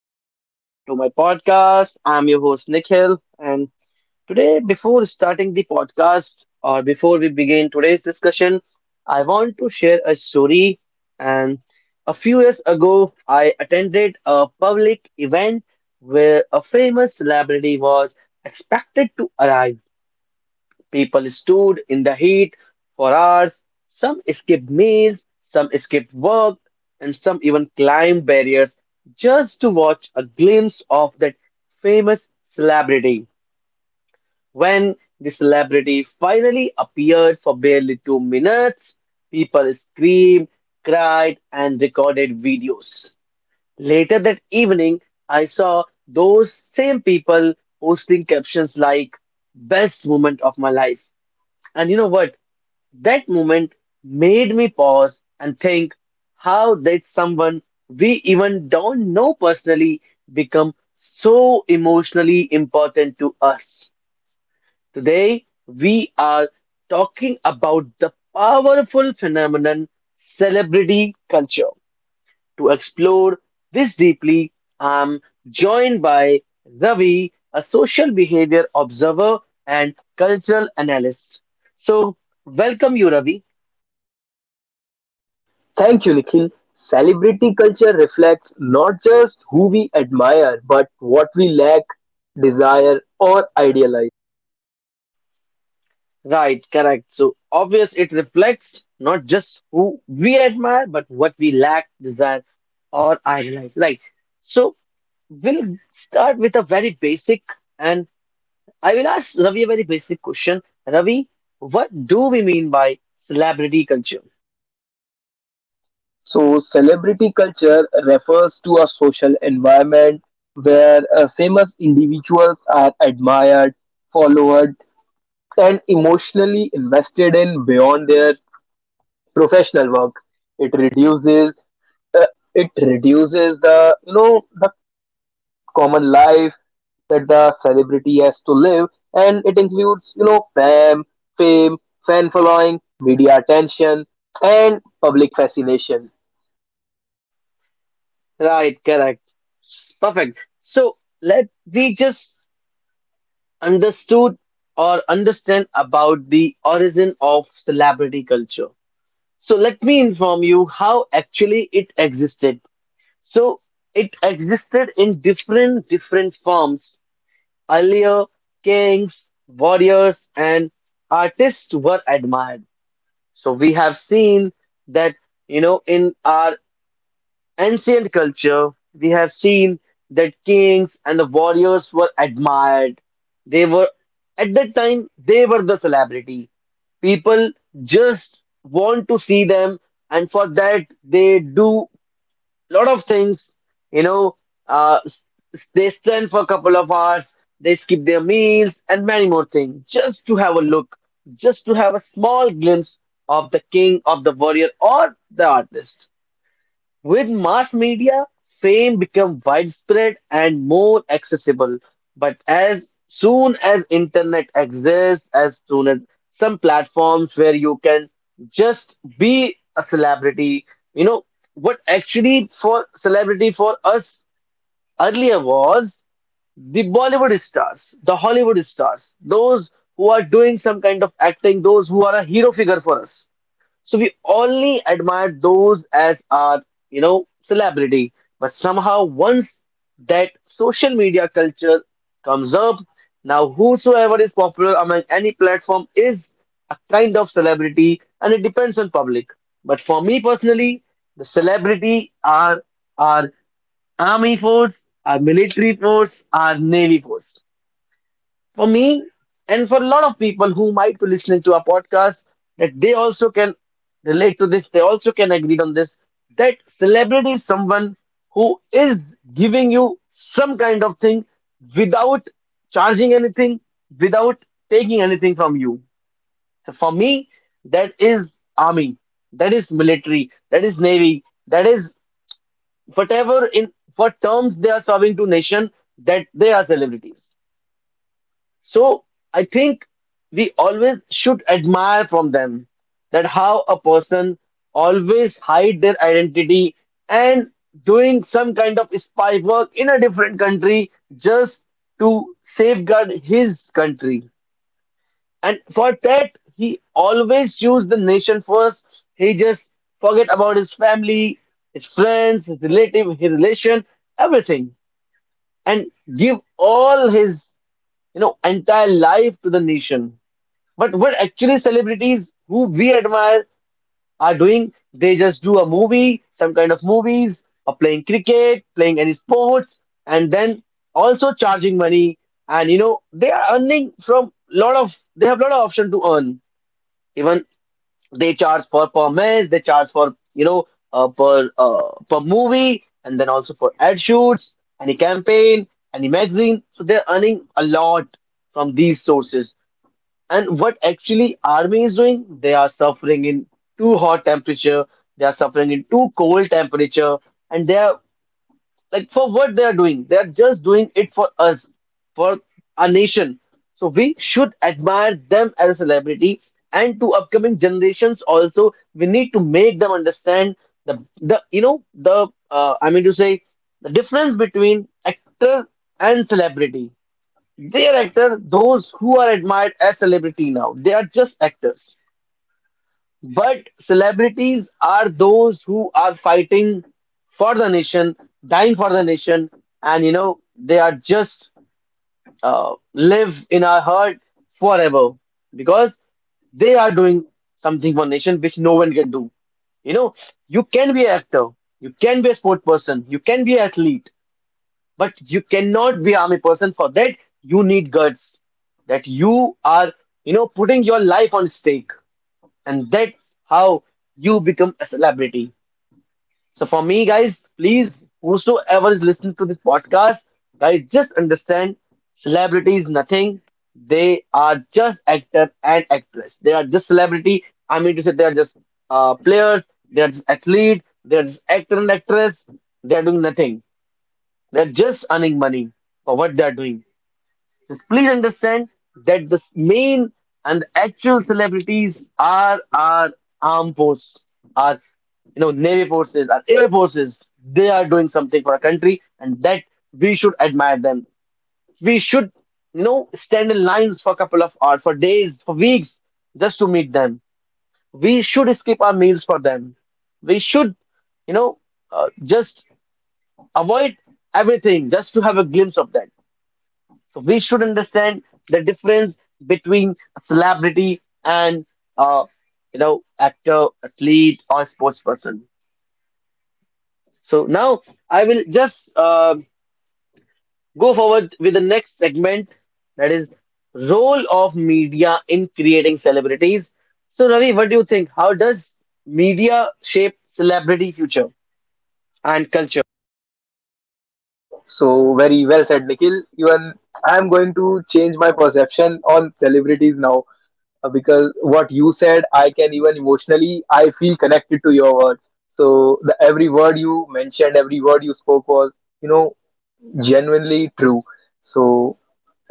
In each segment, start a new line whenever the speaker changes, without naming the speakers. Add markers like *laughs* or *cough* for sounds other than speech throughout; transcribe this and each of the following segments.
welcome to my podcast. I'm your host Nikhil, and today, before starting the podcast or before we begin today's discussion, I want to share a story. And A few years ago, I attended a public event where a famous celebrity was expected to arrive. People stood in the heat for hours. Some skipped meals, some skipped work, and some even climbed barriers just to watch a glimpse of that famous celebrity. When the celebrity finally appeared for barely 2 minutes, people screamed, cried, and recorded videos. Later that evening, I saw those same people posting captions like, best moment of my life. And you know what? That moment made me pause and think, how did someone we even don't know personally become so emotionally important to us? Today, we are talking about the powerful phenomenon celebrity culture. To explore this deeply, I'm joined by Ravi, a social behavior observer and cultural analyst. So, welcome you, Ravi.
Thank you, Nikhil. Celebrity culture reflects not just who we admire, but what we lack, desire, or idealize.
Right, correct. So obvious it reflects not just who we admire, but what we lack, desire, or idolize. Right. So we'll start with a very basic, and I will ask Ravi a very basic question. Ravi, what do we mean by celebrity culture?
So, celebrity culture refers to a social environment where famous individuals are admired, followed, and emotionally invested in beyond their professional work. It reduces uh, the the common life that the celebrity has to live, and it includes, fame, fame, fan following, media attention, and public fascination.
Right, correct. Perfect. So let we just understood or understand about the origin of celebrity culture. So let me inform you how actually it existed. So it existed in different different forms. Earlier, kings, warriors, and artists were admired. So we have seen that you know in our ancient culture, we have seen that kings and the warriors were admired. They were, at that time, they were the celebrity. People just want to see them, and for that, they do lot of things. You know, uh, s- they stand for a couple of hours, they skip their meals, and many more things just to have a look, just to have a small glimpse of the king, of the warrior, or the artist. With mass media, fame became widespread and more accessible. But as soon as internet exists, as soon as some platforms where you can just be a celebrity, you know, what actually for celebrity for us earlier was the Bollywood stars, the Hollywood stars, those who are doing some kind of acting, those who are a hero figure for us. So we only admire those as our, you know, celebrity. But somehow, once that social media culture comes up, now whosoever is popular among any platform is a kind of celebrity, and it depends on public. But for me personally, the celebrity are our army force, our military force, our navy force for me and for a lot of people who might be listening to our podcast, that they also can relate to this, they also can agree on this, that celebrity is someone who is giving you some kind of thing without charging anything, without taking anything from you. So for me, that is army, that is military, that is navy, that is whatever in what terms they are serving to nation, that they are celebrities. So I think we always should admire from them, that how a person always hide their identity and doing some kind of spy work in a different country just to safeguard his country. And for that, he always choose the nation first. He just forget about his family, his friends, his relative, his relation, everything, and give all his you know entire life to the nation. But what actually celebrities who we admire are doing, they just do a movie, some kind of movies, or playing cricket, playing any sports, and then also charging money. And you know, they are earning from lot of, they have lot of option to earn. Even they charge for per match, they charge for per movie, and then also for ad shoots, any campaign, any magazine. So they're earning a lot from these sources. And what actually army is doing, they are suffering in too hot temperature, they are suffering in too cold temperature, and they are, like, for what they are doing, they are just doing it for us, for our nation. So we should admire them as a celebrity, and to upcoming generations also, we need to make them understand the you know the I mean to say the difference between actor and celebrity. Their actor, those who are admired as celebrity now, they are just actors. But celebrities are those who are fighting for the nation, dying for the nation, and you know they are just live in our heart forever, because they are doing something for nation which no one can do. You know, you can be an actor, you can be a sport person, you can be an athlete, but you cannot be army person. For that, you need guts. That you are, you know, putting your life on stake. And that's how you become a celebrity. So for me, guys, please, whosoever is listening to this podcast, guys, just understand celebrity is nothing. They are just actor and actress. They are just celebrity. I mean to say they are just players, they are just athlete, they are just actor and actress. They are doing nothing. They're just earning money for what they're doing. Just please understand that the main and actual celebrities are our armed force, our you know navy forces, our air forces. They are doing something for our country, and that we should admire them. We should you know stand in lines for a couple of hours, for days, for weeks, just to meet them. We should skip our meals for them. We should you know just avoid everything just to have a glimpse of that. So we should understand the difference between celebrity and uh, you know actor, athlete, or sports person. So now I will just go forward with the next segment, that is role of media in creating celebrities. So Ravi, what do you think? How does media shape celebrity future and culture?
So very well said, Nikhil. Even I'm going to change my perception on celebrities now because what you said, I can even emotionally, I feel connected to your words. So the every word you mentioned, every word you spoke was, you know, genuinely true. So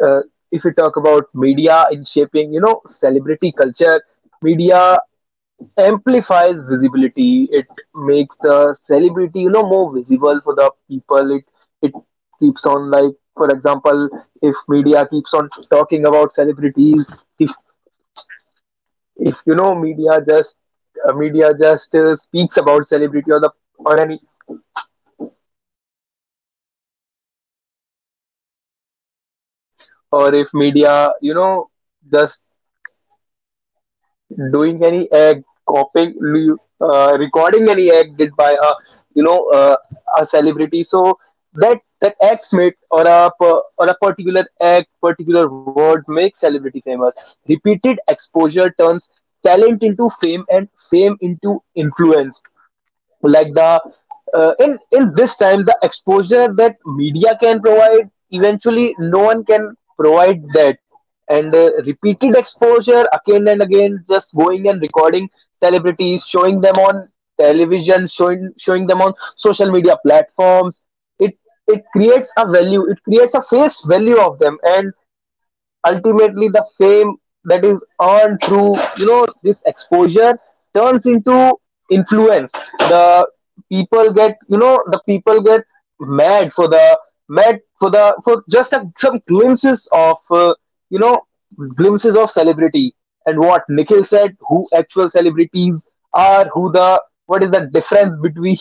uh, if you talk about media in shaping celebrity culture, media amplifies visibility. It makes the celebrity, more visible for the people. It keeps on, like, for example, if media keeps on talking about celebrities, if if media just media just speaks about celebrity, or any or if media, just doing any act, copying, recording any act did by a, you know uh, a celebrity. So that acts made, or a particular act, particular word makes celebrity famous. Repeated exposure turns talent into fame and fame into influence. Like the In this time, the exposure that media can provide, eventually no one can provide that. And repeated exposure again and again, just going and recording celebrities, showing them on television, showing them on social media platforms, it it creates a value, it creates a face value of them, and ultimately the fame that is earned through, this exposure turns into influence. The people get, the people get mad for the, for just a, some glimpses of, you know glimpses of celebrity. And what Nikhil said, who actual celebrities are, who the what is the difference between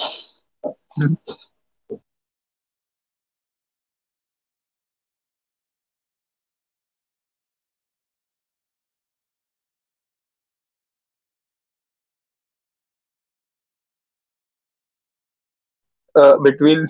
*laughs* between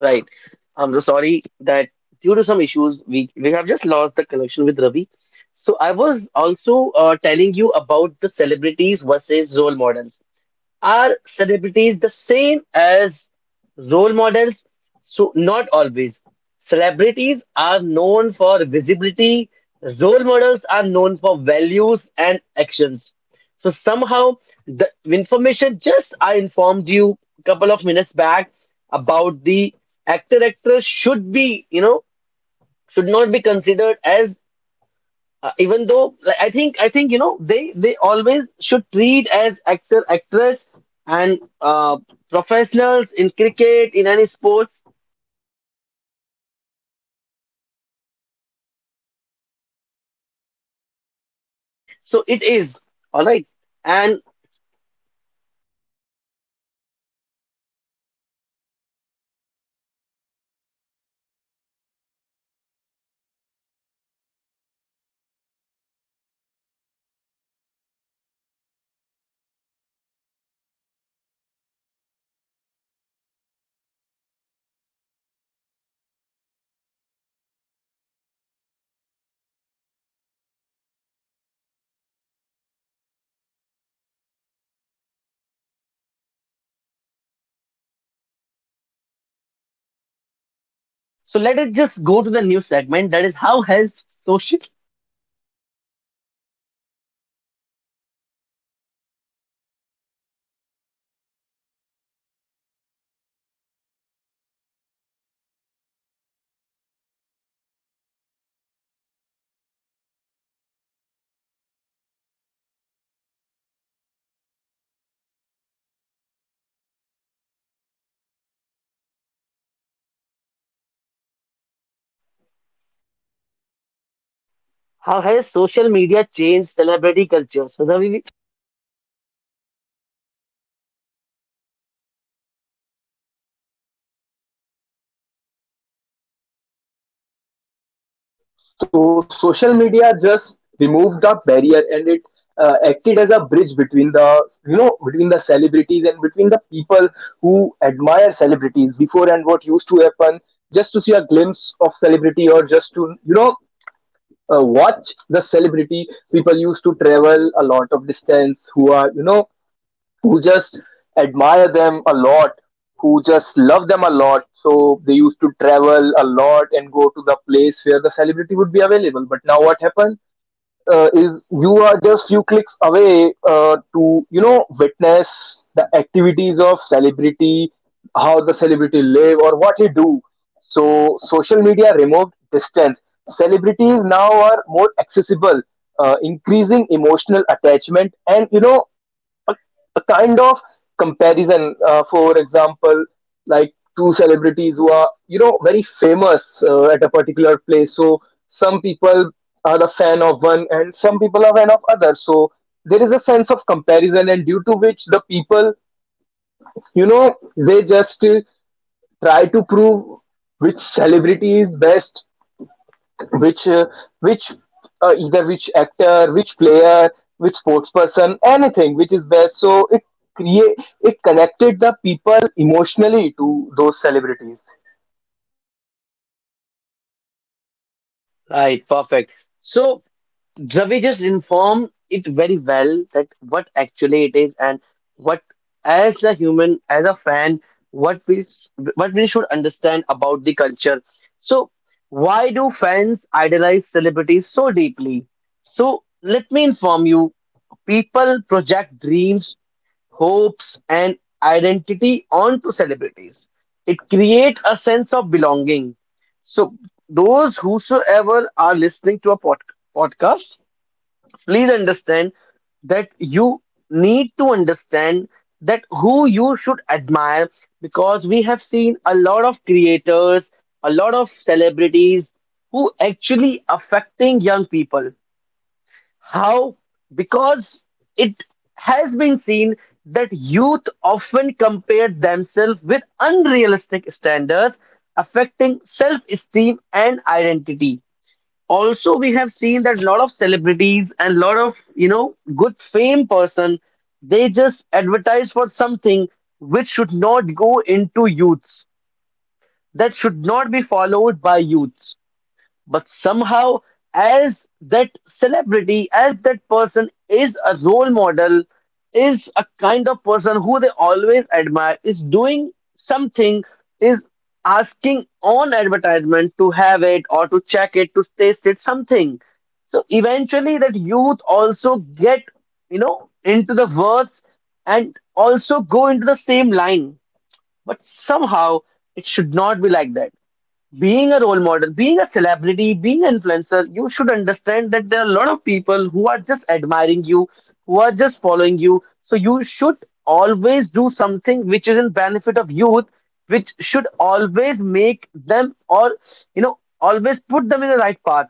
Right. I'm so sorry that due to some issues, we have just lost the connection with Ravi. So I was also telling you about the celebrities versus role models. Are celebrities the same as role models? So, not always. Celebrities are known for visibility, role models are known for values and actions. So, somehow, the information just I informed you a couple of minutes back about the actor actress should be, you know, should not be considered as even though, like, I think you know they always should treat as actor actress and professionals in cricket in any sports. So it is all right. And so let us just go to the new segment, that is, how has social, how has social media changed celebrity culture? So Zavi,
So social media just removed the barrier, and it acted as a between the, between the celebrities and between the people who admire celebrities. Before, and what used to happen, just to see a glimpse of celebrity, or just to, watch the celebrity, people used to travel a lot of distance, who are, who just admire them a lot, who just love them a lot. So they used to travel a lot and go to the place where the celebrity would be available. But now what happened, is you are just few clicks away to, witness the activities of celebrity, how the celebrity live or what he do. So social media removed distance. Celebrities now are more accessible, increasing emotional attachment, and, a, a kind of comparison. For example, like two celebrities who are, very famous at a particular place. So some people are a fan of one, and some people are fan of other. So there is a sense of comparison, and due to which the people, they just try to prove which celebrity is best, which uh, which either which actor, which player, which sports person, anything which is there. So it create it connected the people emotionally to those celebrities.
right, perfect. So Ravi just informed it very well that what actually it is and what, as a human, as a fan, what we s- what we should understand about the culture. So why do fans idolize celebrities so deeply? So let me inform you, people project dreams, hopes, and identity onto celebrities. It creates a sense of belonging. So those whosoever are listening to a podcast, please understand that you need to understand that who you should admire, because we have seen a lot of creators, a lot of celebrities who actually affecting young people. How? Because it has been seen that youth often compare themselves with unrealistic standards, affecting self esteem and identity. Also we have seen that a lot of celebrities and lot of you know good fame person, they just advertise for something which should not go into youths, that should not be followed by youths. But somehow, as that celebrity, as that person is a role model, is a kind of person who they always admire, is doing something, is asking on advertisement to have it or to check it, to taste it something, so eventually that youth also get you know into the words and also go into the same line. But somehow it should not be like that. Being a role model, being a celebrity, being an influencer, you should understand that there are a lot of people who are just admiring you, who are just following you. So you should always do something which is in benefit of youth, which should always make them or you know always put them in the right path.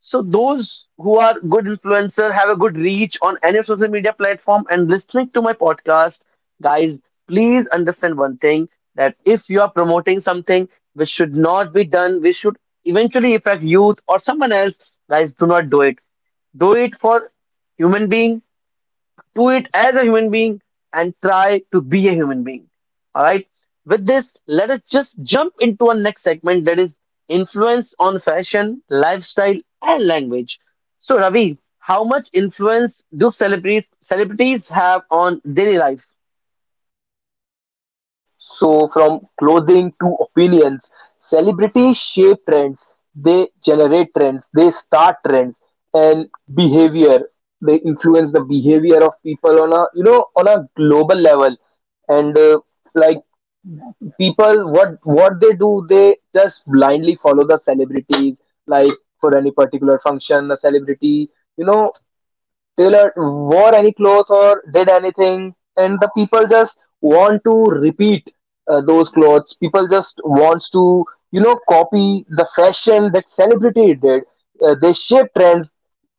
So those who are good influencer have a good reach on any social media platform and listening to my podcast, guys, please understand one thing, that if you are promoting something which should not be done, which should eventually affect youth or someone else, guys, do not do it. Do it for human being, do it as a human being, and try to be a human being. All right. With this, let us just jump into our next segment, that is influence on fashion, lifestyle, and language. So, Ravi, how much influence do celebrities have on daily life?
So, from clothing to opinions, celebrities shape trends, they generate trends, they start trends, and behavior. They influence the behavior of people on a, on a global level, and like people, what they do, they just blindly follow the celebrities. Like for any particular function a celebrity, you know Taylor wore any clothes or did anything, and the people just want to repeat those clothes. People just wants to, copy the fashion that celebrity did. They shape trends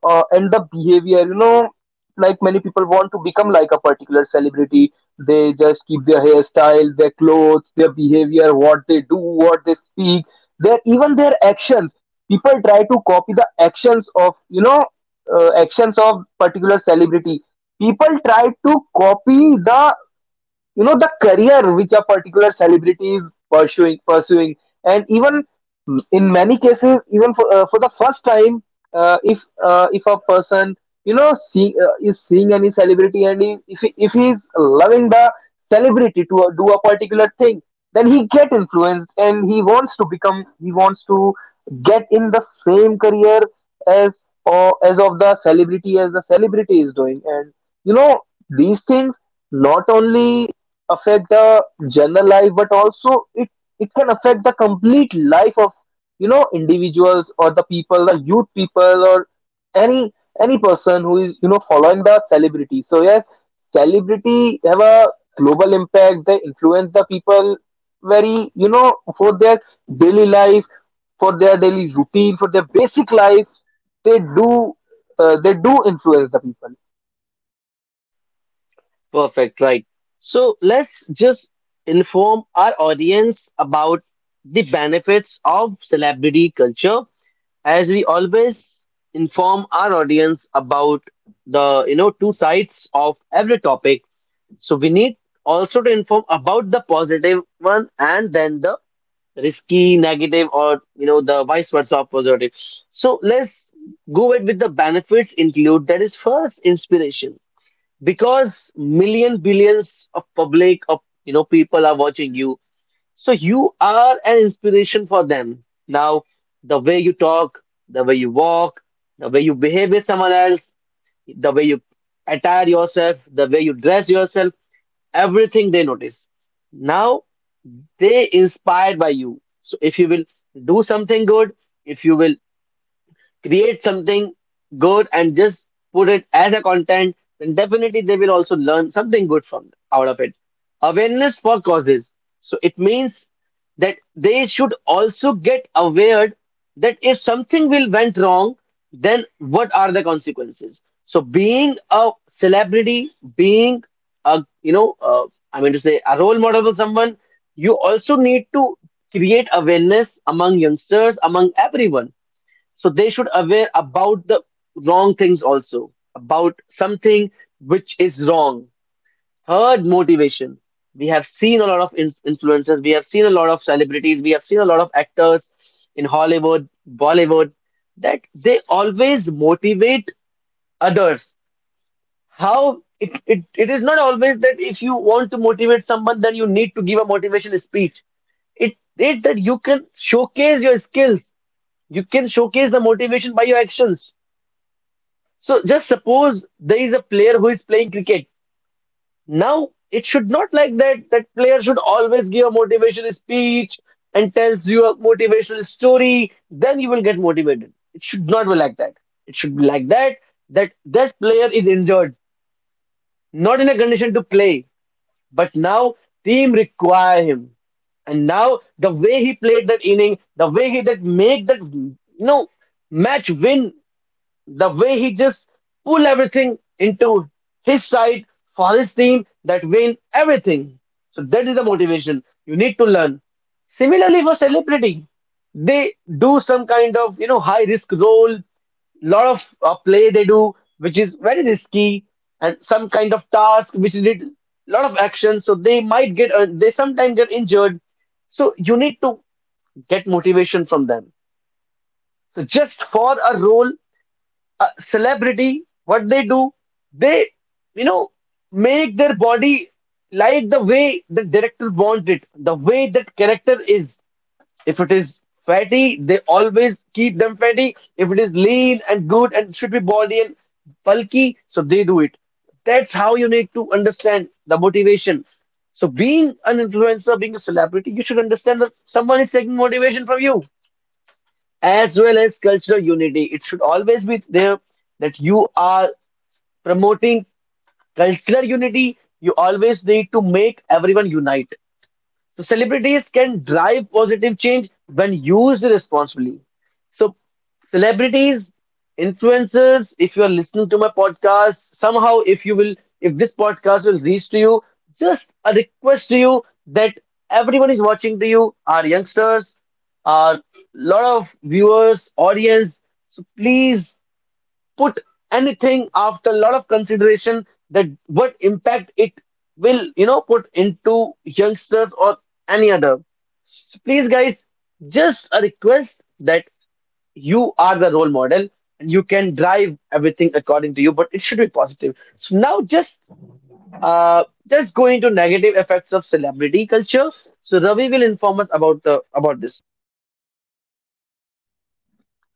and the behavior. You know, like many people want to become like a particular celebrity. They just keep their hairstyle, their clothes, their behavior, what they do, what they speak, their even their actions. People try to copy the actions of, actions of particular celebrity. People try to copy the, the career which a particular celebrity is pursuing. And even in many cases, even for the first time, if a person, is seeing any celebrity, and he, if he is loving the celebrity to do a particular thing, then he get influenced and he wants to get in the same career as, or as of the celebrity as the celebrity is doing. And, you know these things not only affect the general life, but also it can affect the complete life of, individuals or the people, the youth people or any, person who is, following the celebrity. So yes, celebrity have a global impact. They influence the people very, for their daily life, for their daily routine, for their basic life. They do uh, they do influence the people.
Perfect, right? So let's just inform our audience about the benefits of celebrity culture, as we always inform our audience about the two sides of every topic, so we need also to inform about the positive one and then the risky negative, or you know the vice versa of positive. So let's go ahead with the benefits include, that is first inspiration, because million billions of public of, you know, people are watching you, so you are an inspiration for them. Now, the way you talk, the way you walk, the way you behave with someone else, the way you attire yourself, the way you dress yourself, everything they notice. Now, they inspired by you. So if you will do something good, if you will create something good and just put it as a content, then definitely they will also learn something good from out of it. Awareness for causes. So it means that they should also get aware that if something will went wrong, then what are the consequences? So being a celebrity, being a I mean to say a role model for someone, you also need to create awareness among youngsters, among everyone, so they should aware about the wrong things also, about something which is wrong. Third, motivation. We have seen a lot of influencers, we have seen a lot of celebrities, we have seen a lot of actors in Hollywood, Bollywood, that they always motivate others. How it is not always that if you want to motivate someone, then you need to give a motivation speech. It that you can showcase your skills, you can showcase the motivation by your actions. So just suppose there is a player who is playing cricket. Now it should not like that. That player should always give a motivational speech and tells you a motivational story. Then you will get motivated. It should not be like that. It should be like that. That that player is injured, not in a condition to play. But now team require him. And now the way he played that inning, the way he that make that, you know, match win, the way he just pull everything into his side for his team, that win everything. So that is the motivation you need to learn. Similarly for celebrity, they do some kind of, you know, high risk role, lot of play they do, which is very risky, and some kind of task which need lot of action. So they might get they sometimes get injured. So you need to get motivation from them. So just for a role, celebrity, what they do, they, you know, make their body like the way the director wants it, the way that character is. If it is fatty, they always keep them fatty. If it is lean and good and should be body and bulky, so they do it. That's how you need to understand the motivation. So being an influencer, being a celebrity, you should understand that someone is taking motivation from you, as well as cultural unity. It should always be there that you are promoting cultural unity. You always need to make everyone unite. So celebrities can drive positive change when used responsibly. So celebrities, influencers, if you are listening to my podcast, somehow if you will, if this podcast will reach to you, just a request to you that everyone is watching to you, our youngsters, our lot of viewers, audience. So please put anything after a lot of consideration, that what impact it will, you know, put into youngsters or any other. So please, guys, just a request that you are the role model, and you can drive everything according to you, but it should be positive. So now uh just go into negative effects of celebrity culture. So Ravi will inform us about the about this.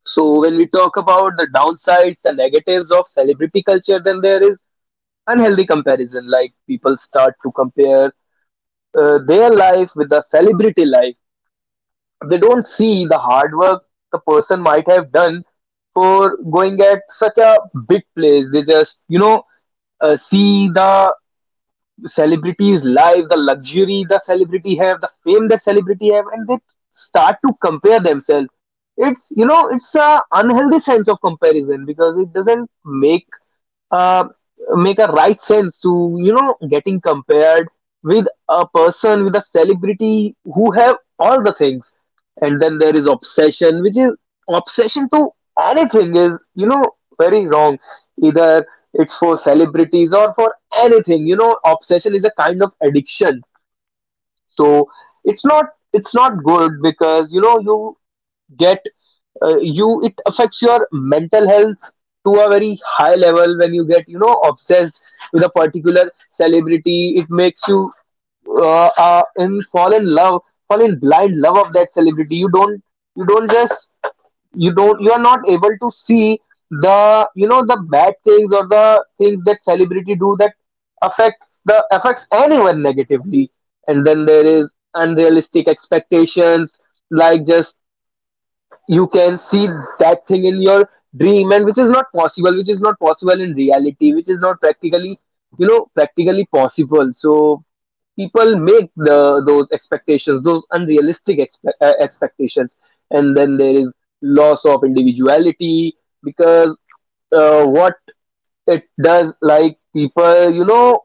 So when we talk about the downsides, the negatives of celebrity culture, then there is unhealthy comparison. Like people start to compare their life with the celebrity life. They don't see the hard work the person might have done for going at such a big place. They just, see the, celebrities' life, the luxury the celebrity have, the fame that celebrity have, and they start to compare themselves. It's, it's a unhealthy sense of comparison, because it doesn't make uh, make a right sense to, getting compared with a person, with a celebrity who have all the things. And then there is obsession, which is obsession to anything, is, very wrong. Either it's for celebrities or for anything, obsession is a kind of addiction. So it's not it's not good, because, get you, it affects your mental health to a very high level when you get, obsessed with a particular celebrity. It makes you in fall in love, fall in blind love of that celebrity. You don't, you don't just you are not able to see the, the bad things or the things that celebrity do, that affects anyone negatively. And then there is unrealistic expectations, like just you can see that thing in your dream, and which is not possible, in reality, which is not practically, practically possible. So people make the those expectations, those expectations. And then there is loss of individuality, because, what it does, like people,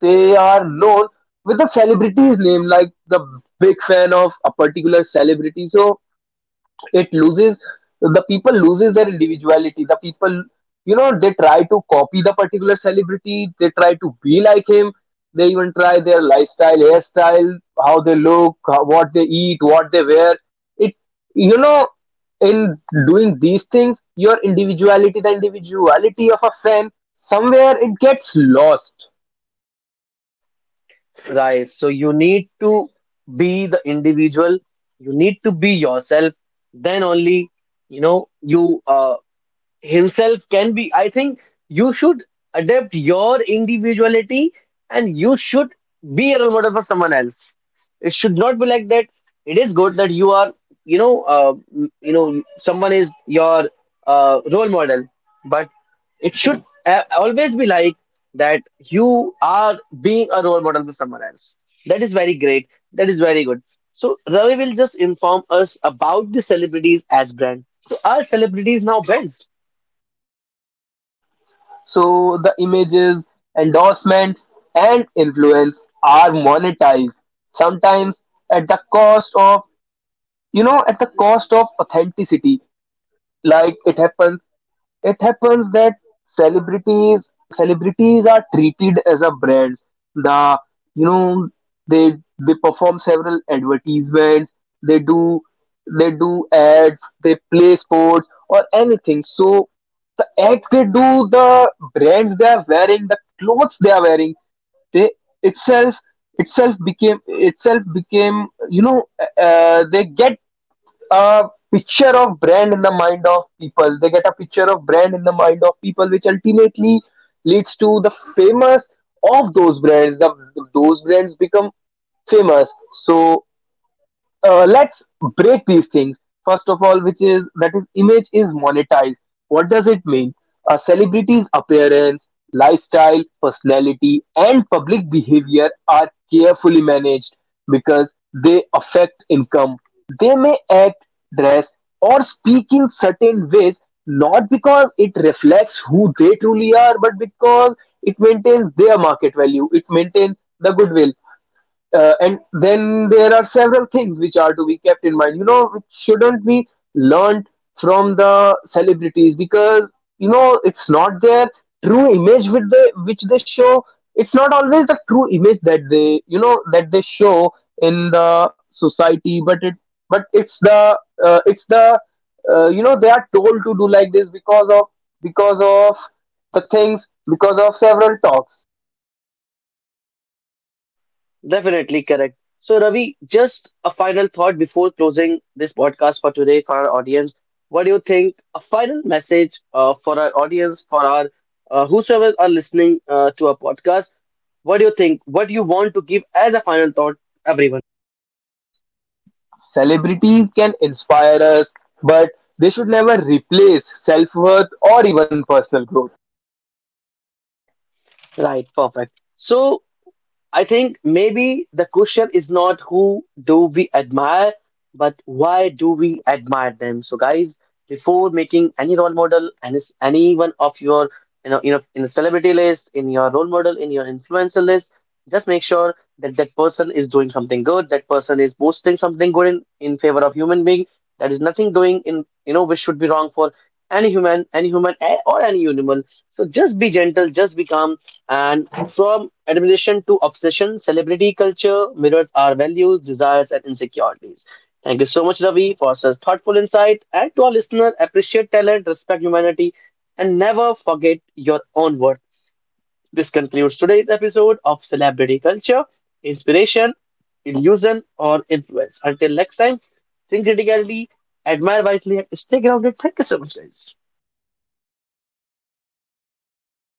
they are known with the celebrity's name, like the big fan of a particular celebrity. So it loses the people loses their individuality. The people, they try to copy the particular celebrity, they try to be like him, they even try their lifestyle, hairstyle, how they look, what they eat, what they wear. It You know, in doing these things, your individuality, the individuality of a fan, somewhere it gets lost.
Right. So you need to be the individual. You need to be yourself. Then only, you know, you himself can be, I think you should adapt your individuality and you should be a role model for someone else. It should not be like that. It is good that you are, someone is your role model, but it should always be like that you are being a role model for someone else. That is very great. That is very good. So Ravi will just inform us about the celebrities as brand. So are celebrities now brands?
So the images, endorsement, and influence are monetized, sometimes at the cost of, at the cost of authenticity. Like it happens that celebrities celebrities are treated as a brands. The, you know they they perform several advertisements. They do they do ads. They play sports or anything. So the ads they do, the brands they are wearing, the clothes they are wearing, they itself itself became, they get a picture of brand in the mind of people. They get a picture of brand in the mind of people, which ultimately leads to the famous of those brands. The Those brands become famous. So let's break these things. First of all, which is that is image is monetized. What does it mean? A celebrity's appearance, lifestyle, personality, and public behavior are carefully managed, because they affect income. They may act, dress, or speak in certain ways, not because it reflects who they truly are, but because it maintains their market value, it maintains the goodwill. And then there are several things which are to be kept in mind, which shouldn't be learned from the celebrities, because, it's not their true image with the which they show. It's not always the true image that they, that they show in the society, but it but it's the, uh, it's the you know, they are told to do like this, because of, because of the things, because of several talks.
Definitely correct. So, Ravi, just a final thought before closing this podcast for today for our audience. What do you think? A final message for our audience, for our whosoever are listening to our podcast. What do you think? What do you want to give as a final thought, everyone?
Celebrities can inspire us, but they should never replace self worth or even personal growth.
Right, perfect. So, I think maybe the question is not who do we admire, but why do we admire them? So, guys, before making any role model, any one of your, you know, in a celebrity list, in your role model, in your influencer list, just make sure that that person is doing something good. That person is posting something good in favor of human being. That is nothing doing in, you know, which should be wrong for any human, any human, eh, or any animal. So just be gentle, just be calm, and from admiration to obsession, celebrity culture mirrors our values, desires, and insecurities. Thank you so much, Ravi, for such thoughtful insight. And to our listener, appreciate talent, respect humanity, and never forget your own worth. This concludes today's episode of Celebrity Culture, Inspiration, Illusion, or Influence. Until next time, think critically, admire wisely, and stay grounded. Thank you so much, guys.